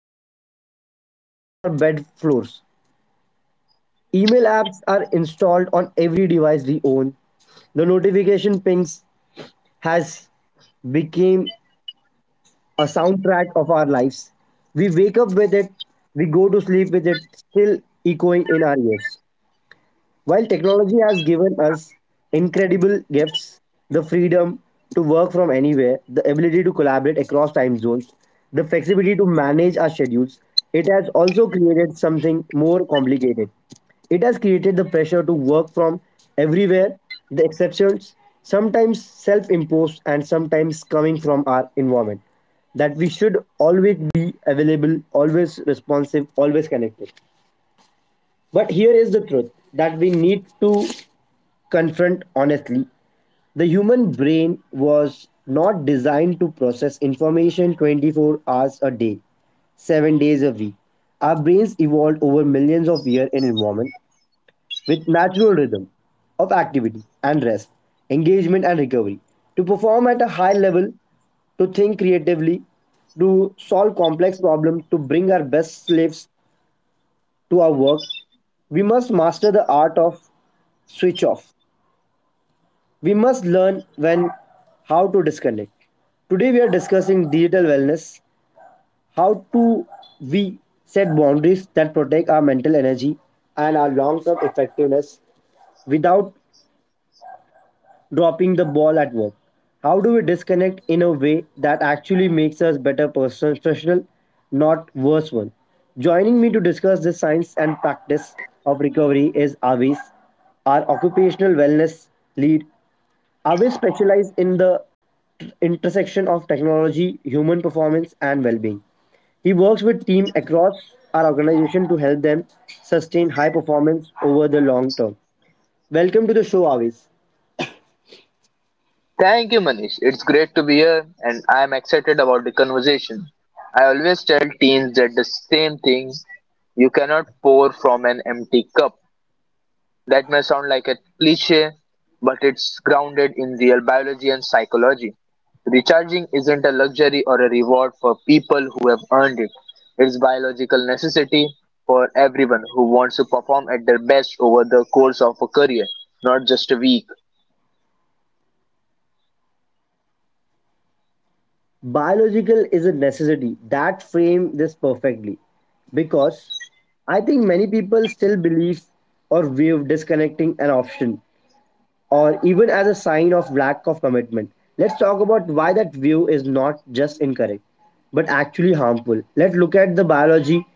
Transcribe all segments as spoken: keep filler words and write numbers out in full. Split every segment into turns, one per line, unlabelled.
sometimes even on our bed floors. Email apps are installed on every device we own. The notification pings has became a soundtrack of our lives. We wake up with it, we go to sleep with it, still echoing in our ears. While technology has given us incredible gifts, the freedom to work from anywhere, the ability to collaborate across time zones, the flexibility to manage our schedules, it has also created something more complicated. It has created the pressure to work from everywhere, the exceptions, sometimes self imposed and sometimes coming from our environment, that we should always be available, always responsive, always connected. But here is the truth that we need to confront honestly, the human brain was not designed to process information twenty-four hours a day, seven days a week. Our brains evolved over millions of years in environment with natural rhythm of activity and rest, engagement and recovery. To perform at a high level, to think creatively, to solve complex problems, to bring our best slaves to our work, we must master the art of switch off. We must learn when how to disconnect. Today we are discussing digital wellness, how to we set boundaries that protect our mental energy and our long-term effectiveness without dropping the ball at work. How do we disconnect in a way that actually makes us better personal professional, not worse one? Joining me to discuss the science and practice of recovery is Avis, our occupational wellness lead. Avis specializes in the intersection of technology, human performance, and well-being. He works with teams across our organization to help them sustain high performance over the long term. Welcome to the show, Avis.
Thank you, Manish. It's great to be here, and I'm excited about the conversation. I always tell teens that the same thing you cannot pour from an empty cup. That may sound like a cliche, but it's grounded in real biology and psychology. Recharging isn't a luxury or a reward for people who have earned it. It's biological necessity for everyone who wants to perform at their best over the course of a career, not just a week.
Biological is a necessity. That frame this perfectly, because I think many people still believe or view disconnecting an option or even as a sign of lack of commitment. Let's talk about why that view is not just incorrect but actually harmful. Let's look at the biology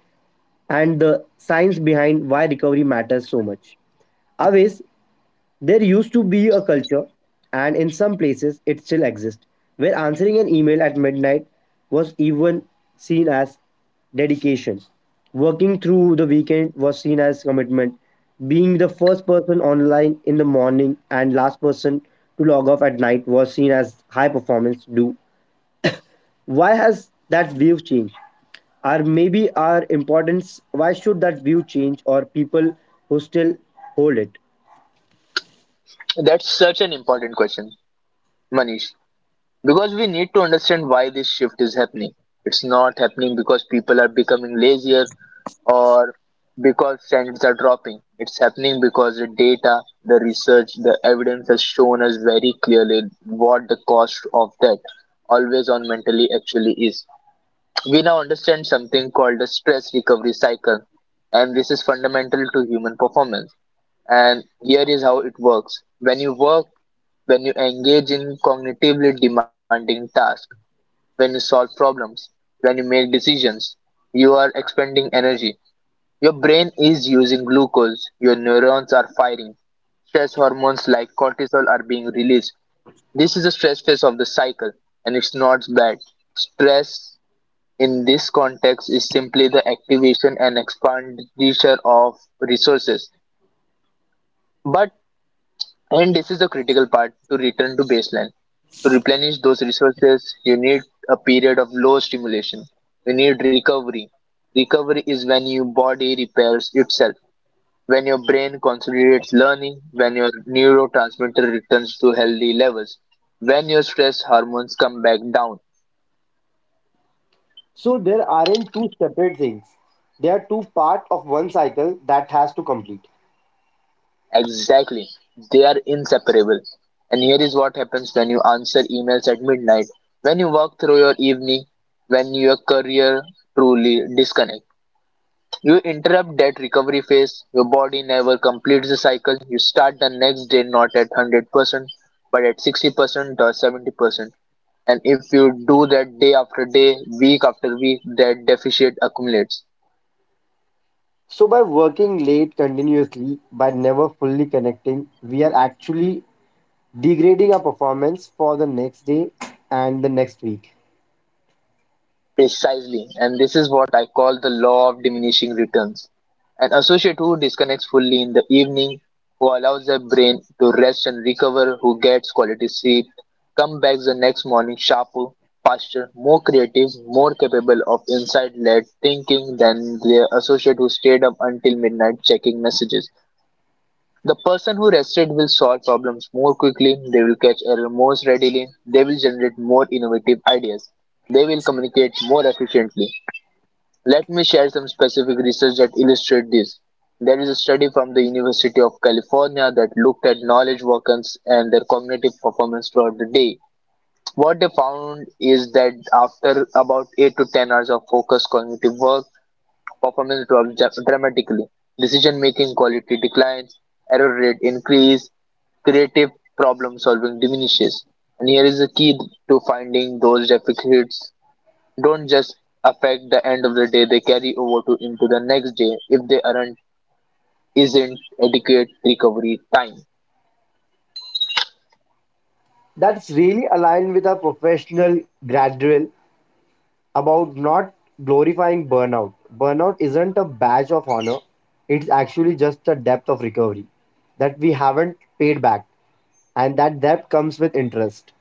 and the science behind why recovery matters so much. Always, there used to be a culture, and in some places it still exists, where answering an email at midnight was even seen as dedication. Working through the weekend was seen as commitment. Being the first person online in the morning and last person to log off at night was seen as high performance. Do why has that view changed? Or maybe our importance, why should that view change or people who still hold it?
That's such an important question, Manish. Because we need to understand why this shift is happening. It's not happening because people are becoming lazier or because standards are dropping. It's happening because the data, the research, the evidence has shown us very clearly what the cost of that always on mentally actually is. We now understand something called the stress recovery cycle, and this is fundamental to human performance. And here is how it works when you work, when you engage in cognitively demanding tasks when you solve problems, when you make decisions, you are expending energy. Your brain is using glucose, your neurons are firing. Stress hormones like cortisol are being released. This is the stress phase of the cycle, and it's not bad. Stress in this context is simply the activation and expenditure of resources. But and this is the critical part to return to baseline. To replenish those resources, you need a period of low stimulation. You need recovery. Recovery is when your body repairs itself, when your brain consolidates learning, when your neurotransmitter returns to healthy levels, when your stress hormones come back down.
So there aren't two separate things. They are two part of one cycle that has to complete.
Exactly. They are inseparable. And here is what happens when you answer emails at midnight, when you walk through your evening, when your career truly disconnects. You interrupt that recovery phase, your body never completes the cycle. You start the next day not at one hundred percent, but at sixty percent or seventy percent. And if you do that day after day, week after week, that deficit accumulates.
So by working late continuously, by never fully connecting, we are actually degrading our performance for the next day and the next week.
Precisely, and this is what I call the law of diminishing returns. An associate who disconnects fully in the evening, who allows their brain to rest and recover, who gets quality sleep, comes back the next morning sharper, faster, more creative, more capable of insight led thinking than the associate who stayed up until midnight checking messages. The person who rested will solve problems more quickly, they will catch error more readily, they will generate more innovative ideas, they will communicate more efficiently. Let me share some specific research that illustrate this. There is a study from the University of California that looked at knowledge workers and their cognitive performance throughout the day. What they found is that after about eight to ten hours of focused cognitive work, performance dropped dra- dramatically. Decision making quality declines, error rate increase, creative problem solving diminishes. And here is the key to finding those deficits don't just affect the end of the day, they carry over to into the next day if they aren't isn't adequate recovery time.
That's really aligned with our professional gradual about not glorifying burnout. Burnout isn't a badge of honor, it's actually just a depth of recovery that we haven't paid back, and that debt comes with interest.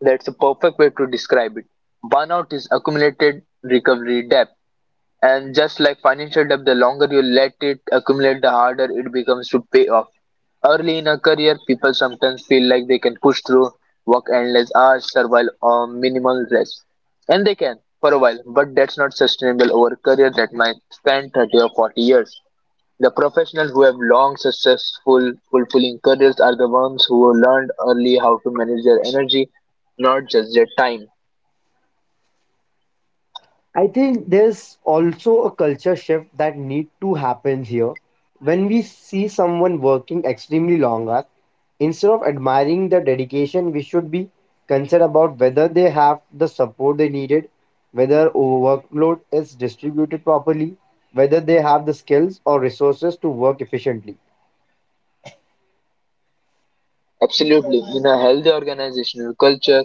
That's a perfect way to describe it. Burnout is accumulated recovery debt, and just like financial debt, the longer you let it accumulate the harder it becomes to pay off. Early in a career people sometimes feel like they can push through, work endless hours, survive on minimal rest, and they can for a while, but that's not sustainable over a career that might span thirty or forty years. The professionals who have long, successful, fulfilling careers are the ones who learned early how to manage their energy, not just their time.
I think there's also a culture shift that need to happen here. When we see someone working extremely long hours, instead of admiring the dedication, we should be concerned about whether they have the support they needed, whether workload is distributed properly, whether they have the skills or resources to work efficiently.
Absolutely. In a healthy organizational culture,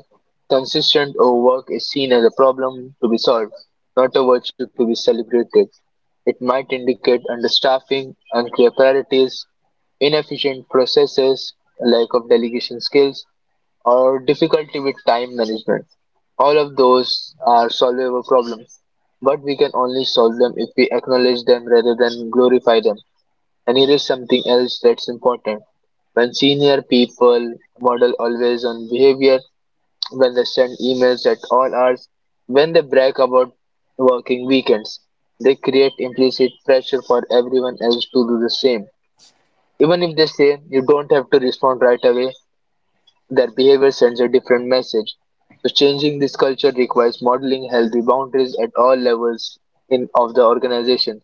consistent overwork is seen as a problem to be solved, not a virtue to be celebrated. It might indicate understaffing, unclear priorities, inefficient processes, lack of delegation skills, or difficulty with time management. All of those are solvable problems, but we can only solve them if we acknowledge them rather than glorify them. And here is something else that's important. When senior people model always on behavior, when they send emails at all hours, when they brag about working weekends, they create implicit pressure for everyone else to do the same. Even if they say you don't have to respond right away, their behavior sends a different message. So changing this culture requires modeling healthy boundaries at all levels in of the organization.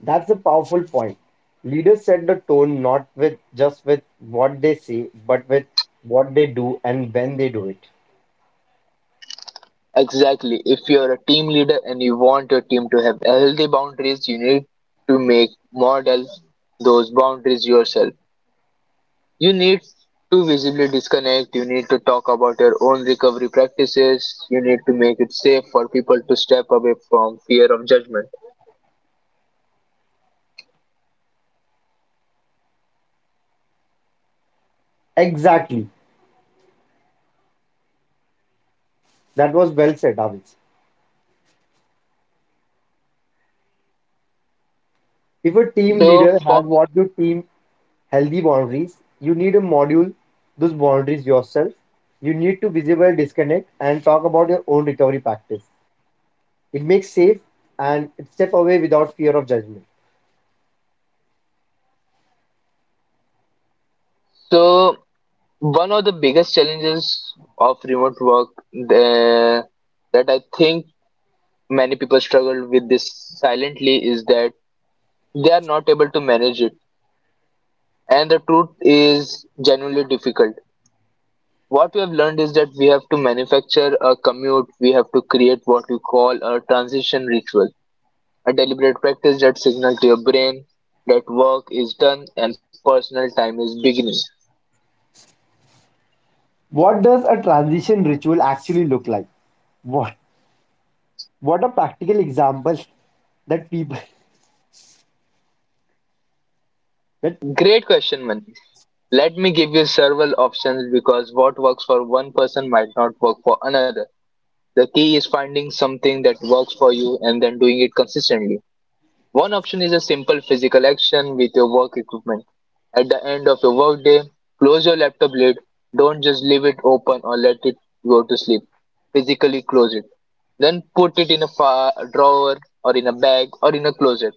That's a powerful point. Leaders set the tone not with just with what they say, but with what they do and when they do it.
Exactly. If you're a team leader and you want your team to have healthy boundaries, you need to make model those boundaries yourself. You need to visibly disconnect, you need to talk about your own recovery practices, you need to make it safe for people to step away from fear of judgment.
Exactly. That was well said, Avits. If a team
So
leader
for
has
me,
what your team healthy boundaries, you need a module those boundaries yourself. You need to visible disconnect and talk about your own recovery practice. It makes safe and it step away without fear of judgment.
so one of the biggest challenges of remote work the, that I think many people struggle with this silently is that they are not able to manage it. And the truth is genuinely difficult. What we have learned is that we have to manufacture a commute, we have to create what we call a transition ritual, a deliberate practice that signals to your brain that work is done and personal time is beginning.
What does a transition ritual actually look like? What what are practical examples that people that
Great question, man. Let me give you several options because what works for one person might not work for another. The key is finding something that works for you and then doing it consistently. One option is a simple physical action with your work equipment. At the end of your workday, close your laptop lid. Don't just leave it open or let it go to sleep. Physically close it. Then put it in a fa- drawer or in a bag or in a closet,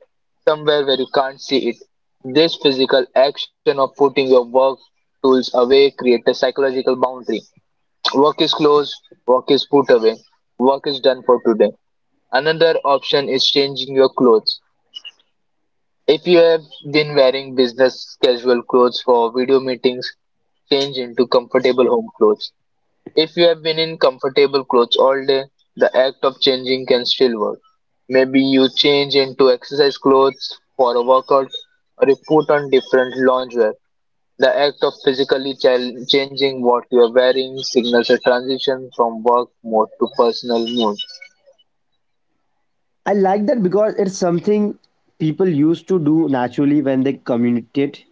somewhere where you can't see it. This physical action of putting your work tools away creates a psychological boundary. Work is closed, work is put away, work is done for today. Another option is changing your clothes. If you have been wearing business casual clothes for video meetings, change into comfortable home clothes. If you have been in comfortable clothes all day, the act of changing can still work. Maybe you change into exercise clothes for a workout or you put on different loungewear. The act of physically chal- changing what you are wearing signals a transition from work mode to personal mood.
I like that because it's something people used to do naturally when they communicate.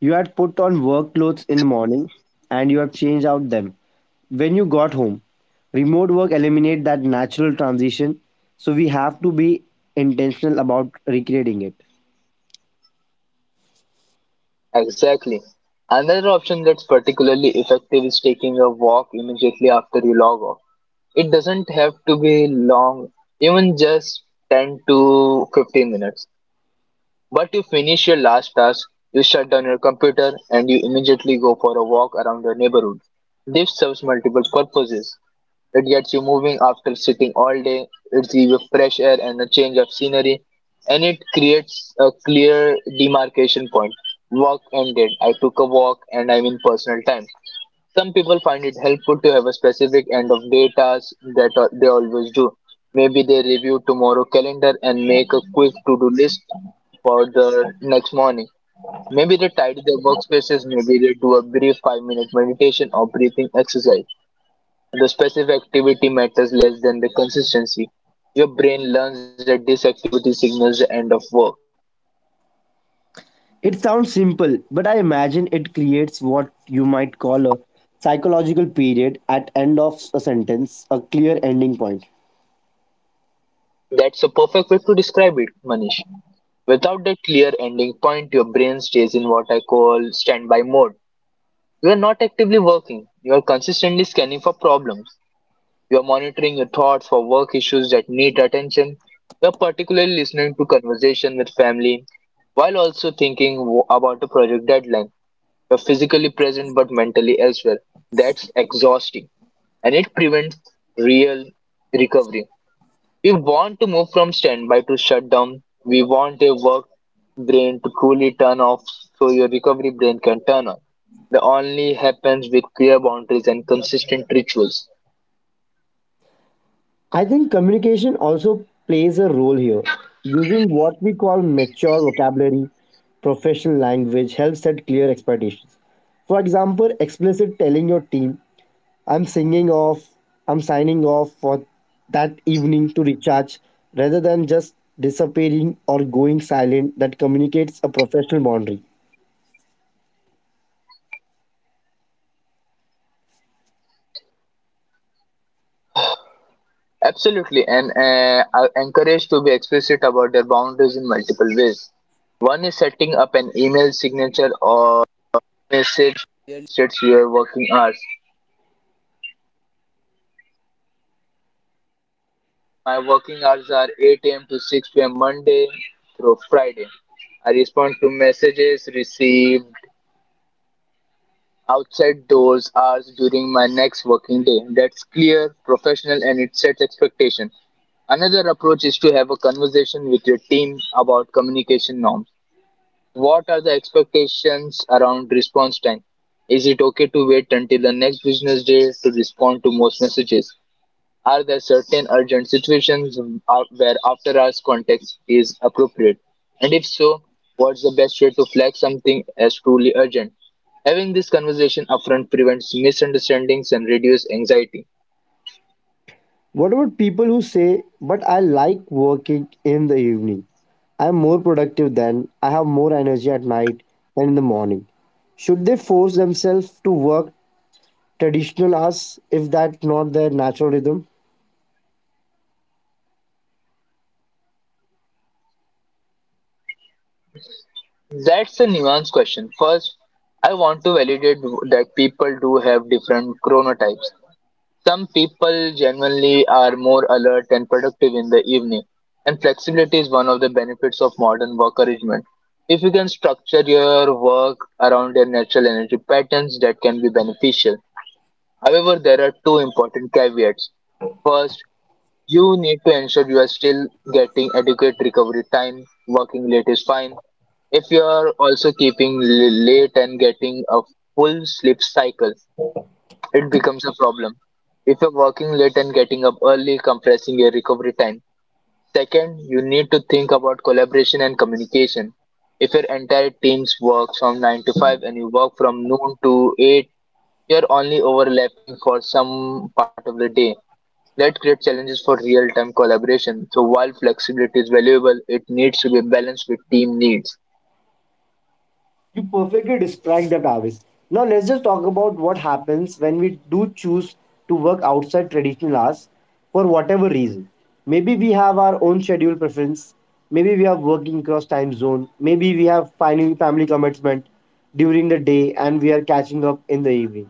You had put on work clothes in the morning and you have changed out them when you got home. Remote work eliminate that natural transition, so we have to be intentional about recreating it.
Exactly. Another option that's particularly effective is taking a walk immediately after you log off. It doesn't have to be long, even just ten to fifteen minutes. But you finish your last task, you shut down your computer, and you immediately go for a walk around your neighborhood. This serves multiple purposes. It gets you moving after sitting all day, it gives you fresh air and a change of scenery, and it creates a clear demarcation point. Work ended. I took a walk and I'm in personal time. Some people find it helpful to have a specific end of day task that uh, they always do. Maybe they review tomorrow calendar and make a quick to-do list for the next morning. Maybe they tidy their workspaces, maybe they do a brief five minute meditation or breathing exercise. The specific activity matters less than the consistency. Your brain learns that this activity signals the end of work.
It sounds simple, but I imagine it creates what you might call a psychological period at end of a sentence, a clear ending point.
That's a perfect way to describe it, Manish. Without that clear ending point, your brain stays in what I call standby mode. You are not actively working. You are consistently scanning for problems. You are monitoring your thoughts for work issues that need attention. You are particularly listening to conversation with family, while also thinking w- about a project deadline. You're physically present but mentally elsewhere. That's exhausting and it prevents real recovery. We want to move from standby to shutdown. We want a work brain to truly turn off so your recovery brain can turn on. That only happens with clear boundaries and consistent rituals.
I think communication also plays a role here. Using what we call mature vocabulary, professional language helps set clear expectations. For example, explicit telling your team, I'm singing off, I'm signing off for that evening to recharge, rather than just disappearing or going silent, that communicates a professional boundary.
Absolutely, and uh, are encouraged to be explicit about their boundaries in multiple ways. One is setting up an email signature or outside doors, hours during my next working day. That's clear, professional, and it sets expectation. Another approach is to have a conversation with your team about communication norms. What are the expectations around response time? Is it okay to wait until the next business day to respond to most messages? Are there certain urgent situations uh, where after hours context is appropriate? And if so, what's the best way to flag something as truly urgent? Having this conversation upfront prevents misunderstandings and reduces anxiety.
What about people who say, but I like working in the evening? I'm more productive then, I have more energy at night than in the morning. Should they force themselves to work traditional hours if that's not their natural rhythm?
That's a nuanced question. First, I want to validate that people do have different chronotypes. Some people genuinely are more alert and productive in the evening, and flexibility is one of the benefits of modern work arrangement. If you can structure your work around your natural energy patterns, that can be beneficial. However, there are two important caveats. First, you need to ensure you are still getting adequate recovery time. Working late is fine. If you are also keeping l- late and getting a full sleep cycle, it becomes a problem if you're working late and getting up early, compressing your recovery time. Second, you need to think about collaboration and communication. If your entire team works from nine to five and you work from noon to eight, you're only overlapping for some part of the day. That creates challenges for real time collaboration. So, while flexibility is valuable, it needs to be balanced with team needs.
You perfectly described that, Avis. Now let's just talk about what happens when we do choose to work outside traditional hours for whatever reason. Maybe we have our own schedule preference. Maybe we are working cross time zone. Maybe we have fin- family commitment during the day and we are catching up in the evening.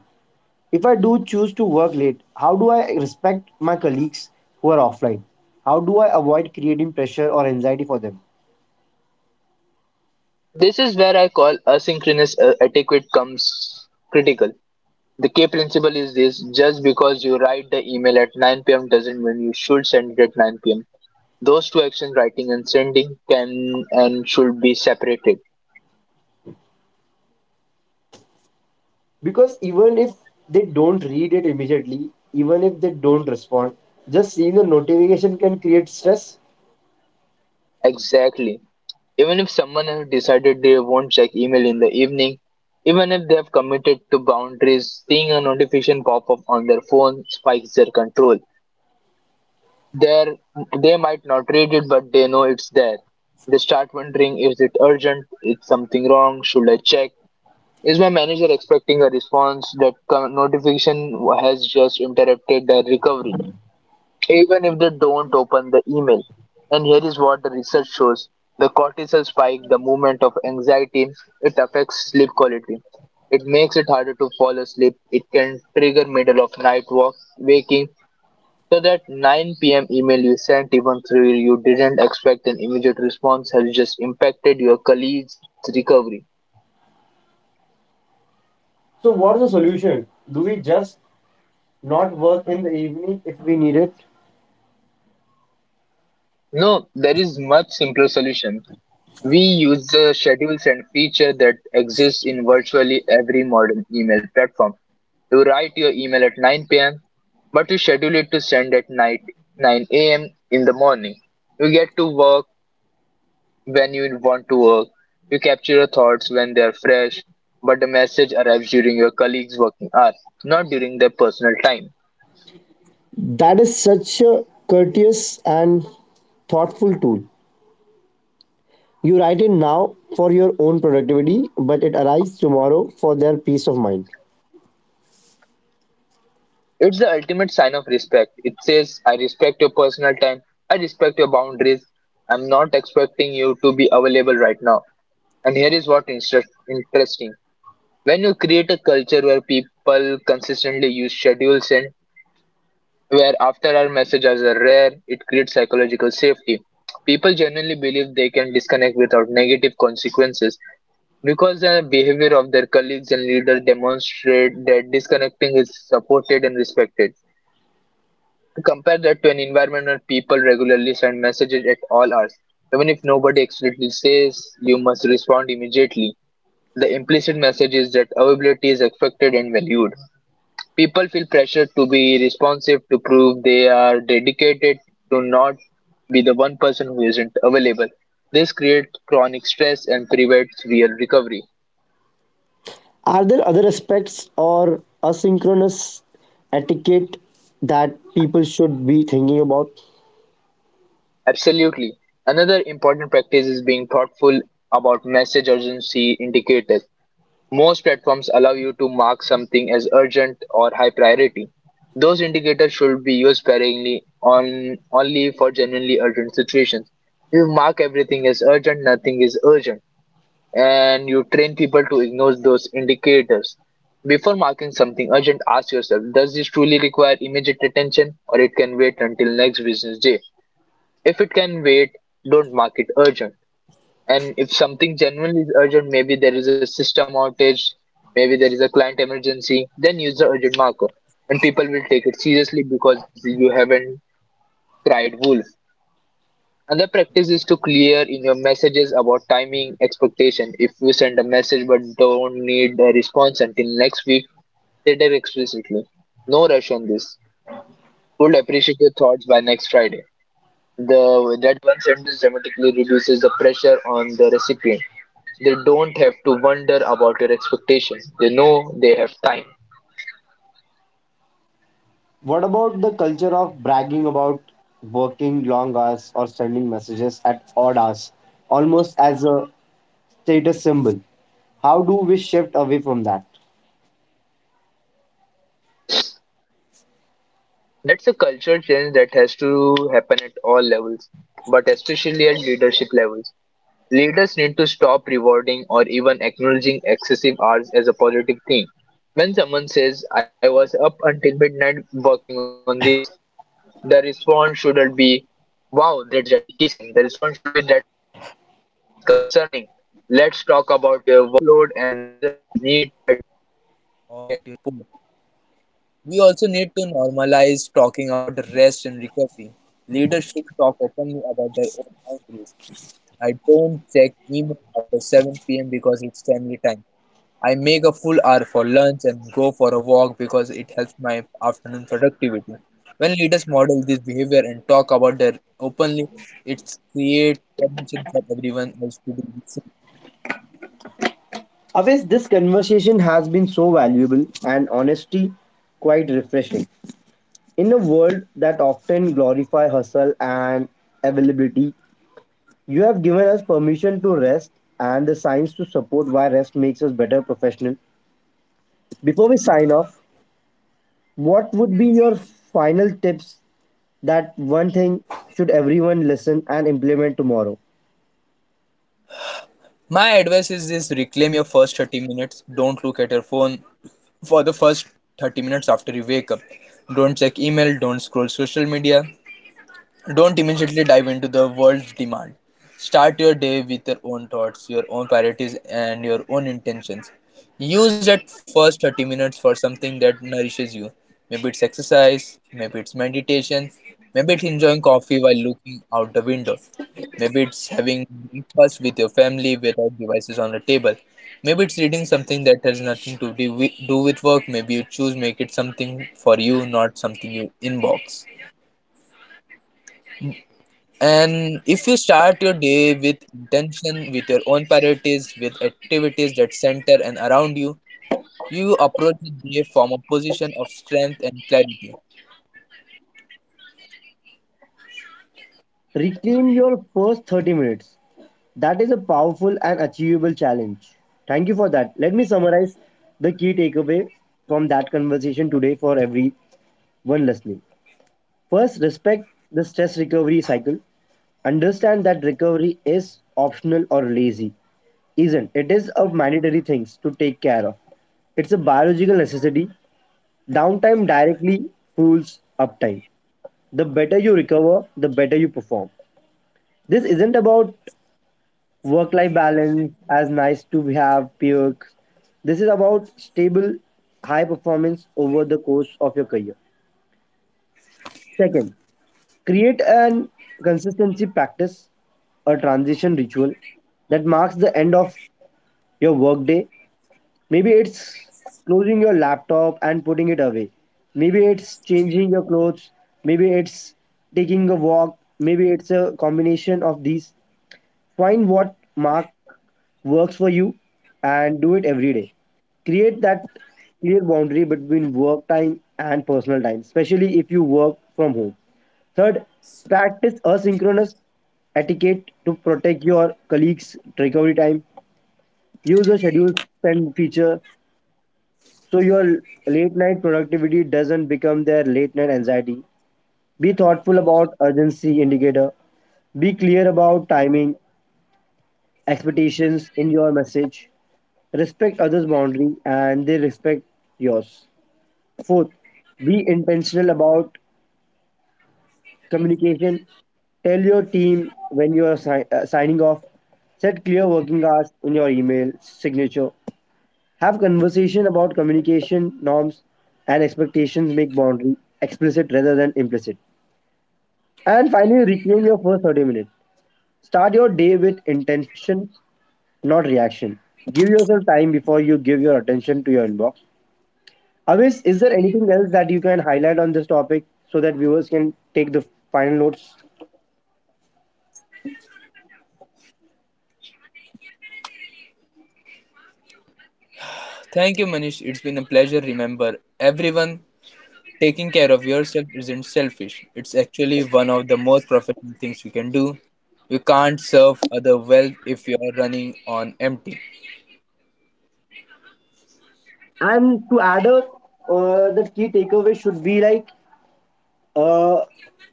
If I do choose to work late, how do I respect my colleagues who are offline? How do I avoid creating pressure or anxiety for them?
This is where I call asynchronous uh, etiquette comes critical. The key principle is this: just because you write the email at nine p m doesn't mean you should send it at nine p m. Those two actions, writing and sending, can and should be separated.
Because even if they don't read it immediately, even if they don't respond, just seeing the notification can create stress.
Exactly. Even if someone has decided they won't check email in the evening, even if they have committed to boundaries, seeing a notification pop up on their phone spikes their control. they they might not read it, but they know it's there. They start wondering, is it urgent? Is something wrong? Should I check? Is my manager expecting a response? That co- notification has just interrupted their recovery, even if they don't open the email. And here is what the research shows: the cortisol spike, the movement of anxiety, it affects sleep quality. It makes it harder to fall asleep. It can trigger middle of night walk, waking, so that nine p m email you sent, even though you didn't expect an immediate response, has just impacted your colleague's recovery.
So what's the solution? Do we just not work in the evening if we need it?
No, there is much simpler solution. We use the schedules and feature that exists in virtually every modern email platform. You write your email at nine p m, but you schedule it to send at night nine a m in the morning. You get to work when you want to work. You capture your thoughts when they are fresh, but the message arrives during your colleagues' working hour, not during their personal time.
That is such a courteous and thoughtful tool. You write it now for your own productivity, but it arrives tomorrow for their peace of mind.
It's the ultimate sign of respect. It says, I respect your personal time, I respect your boundaries, I'm not expecting you to be available right now. And here is what inter- interesting. When you create a culture where people consistently use schedules and where after hour messages are rare, it creates psychological safety. People genuinely believe they can disconnect without negative consequences because the behavior of their colleagues and leaders demonstrate that disconnecting is supported and respected. Compare that to an environment where people regularly send messages at all hours. Even if nobody explicitly says, you must respond immediately, the implicit message is that availability is expected and valued. People feel pressured to be responsive, to prove they are dedicated, to not be the one person who isn't available. This creates chronic stress and prevents real recovery.
Are there other aspects or asynchronous etiquette that people should be thinking about?
Absolutely. Another important practice is being thoughtful about message urgency indicators. Most platforms allow you to mark something as urgent or high priority. Those indicators should be used sparingly on only for genuinely urgent situations. You mark everything as urgent, nothing is urgent, and you train people to ignore those indicators. Before marking something urgent, ask yourself, does this truly require immediate attention or it can wait until next business day? If it can wait, don't mark it urgent. And if something genuinely is urgent, maybe there is a system outage, maybe there is a client emergency, then use the urgent marker. And people will take it seriously because you haven't cried wolf. Another practice is to clear in your messages about timing expectation. If you send a message but don't need a response until next week, state it explicitly. No rush on this. Would appreciate your thoughts by next Friday. The that one sentence dramatically reduces the pressure on the recipient. They don't have to wonder about your expectations. They know they have time.
What about the culture of bragging about working long hours or sending messages at odd hours, almost as a status symbol? How do we shift away from that?
That's a cultural change that has to happen at all levels, but especially at leadership levels. Leaders need to stop rewarding or even acknowledging excessive hours as a positive thing. When someone says, I was up until midnight working on this, the response shouldn't be, wow, that's dedication. The response should be, that's concerning. Let's talk about your workload and whether we need to ad- or get you. We also need to normalize talking about rest and recovery. Leaders should talk openly about their own boundaries. I don't check email after seven p m because it's family time. I make a full hour for lunch and go for a walk because it helps my afternoon productivity. When leaders model this behavior and talk about their openly, it creates permission for everyone else to do the same.
Always, this conversation has been so valuable and honestly quite refreshing. In a world that often glorifies hustle and availability, you have given us permission to rest and the science to support why rest makes us better professional. Before we sign off, what would be your final tips that one thing should everyone listen and implement tomorrow.
My advice is this: reclaim your first thirty minutes. Don't look at your phone for the first thirty minutes after you wake up. Don't check email, don't scroll social media, don't immediately dive into the world's demand. Start your day with your own thoughts, your own priorities, and your own intentions. Use that first thirty minutes for something that nourishes you. Maybe it's exercise, maybe it's meditation, maybe it's enjoying coffee while looking out the window, maybe it's having breakfast with your family without devices on the table. Maybe it's reading something that has nothing to do with, do with work. Maybe you choose make it something for you, not something you inbox. And if you start your day with intention, with your own priorities, with activities that center and around you, you approach the day from a position of strength and clarity.
Reclaim your first thirty minutes. That is a powerful and achievable challenge. Thank you for that. Let me summarize the key takeaway from that conversation today for everyone listening. First, respect the stress recovery cycle. Understand that recovery is optional or lazy. Isn't it is a mandatory things to take care of. It's a biological necessity. Downtime directly fuels uptime. The better you recover, the better you perform. This isn't about work life balance as nice to have perks. This is about stable, high performance over the course of your career. Second, create an consistency practice, a transition ritual that marks the end of your workday. Maybe it's closing your laptop and putting it away. Maybe it's changing your clothes. Maybe it's taking a walk. Maybe it's a combination of these. Find what mark works for you and do it every day. Create that clear boundary between work time and personal time, especially if you work from home. Third, practice asynchronous etiquette to protect your colleagues' recovery time. Use a schedule spend feature so your late night productivity doesn't become their late night anxiety. Be thoughtful about urgency indicator. Be clear about timing, expectations in your message. Respect others' boundary and they respect yours. Fourth, be intentional about communication. Tell your team when you are si- uh, signing off. Set clear working hours in your email signature. Have conversation about communication norms and expectations. Make boundary explicit rather than implicit. And finally, reclaim your first thirty minutes. Start your day with intention, not reaction. Give yourself time before you give your attention to your inbox. Avis, is there anything else that you can highlight on this topic so that viewers can take the final notes?
Thank you, Manish. It's been a pleasure. Remember, everyone, taking care of yourself isn't selfish. It's actually one of the most profitable things you can do. You can't serve other well if you are running on empty.
And to add up, uh, the key takeaway should be like uh,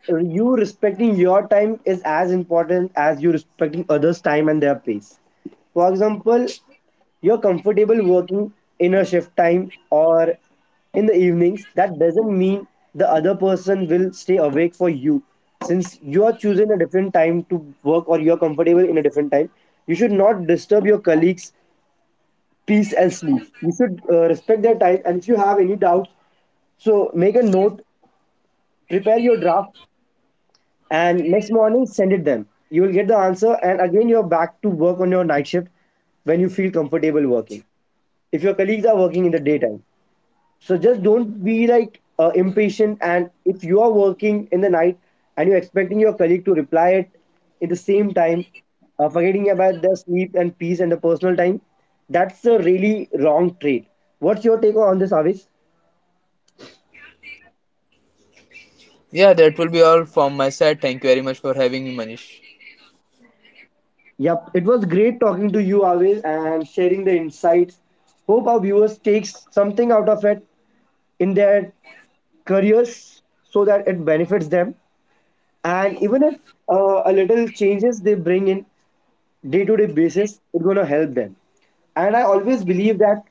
you respecting your time is as important as you respecting others' time and their pace. For example, you're comfortable working in a shift time or in the evenings. That doesn't mean the other person will stay awake for you. Since you are choosing a different time to work or you're comfortable in a different time, you should not disturb your colleagues' peace and sleep. You should uh, respect their time. And if you have any doubts, so make a note, prepare your draft and next morning send it them, you will get the answer and again you're back to work on your night shift when you feel comfortable working. If your colleagues are working in the daytime, so just don't be like uh, impatient. And if you are working in the night and you're expecting your colleague to reply it in the same time, uh, forgetting about the sleep and peace and the personal time, that's a really wrong trade. What's your take on this, Avis?
Yeah, that will be all from my side. Thank you very much for having me, Manish.
Yep, it was great talking to you always and sharing the insights. Hope our viewers takes something out of it in their careers so that it benefits them. And even if uh, a little changes they bring in day to day basis, it's going to help them. And I always believe that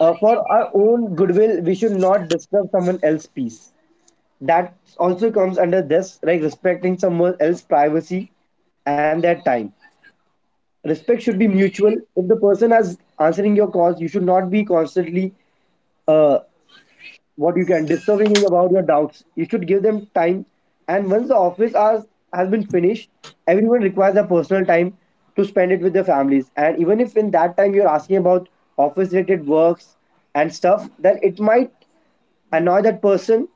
uh, for our own goodwill we should not disturb someone else's peace. That also comes under this like respecting someone else's privacy and their time. Respect should be mutual. If the person is answering your calls you should not be constantly uh, what you can disturbing about your doubts, you should give them time. And once the office hours has been finished, everyone requires their personal time to spend it with their families. And even if in that time you're asking about office related works and stuff, then it might annoy that person.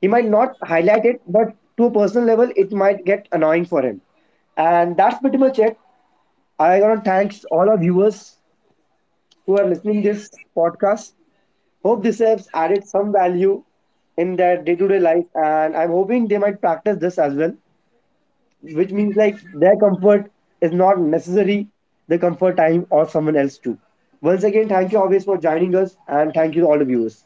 He might not highlight it but to a personal level it might get annoying for him, and that's pretty much it. I want to thanks all our viewers who are listening this podcast. Hope this has added some value in their day-to-day life, and I'm hoping they might practice this as well, which means like their comfort is not necessary the comfort time or someone else too. Once again, thank you always for joining us, and thank you to all the viewers.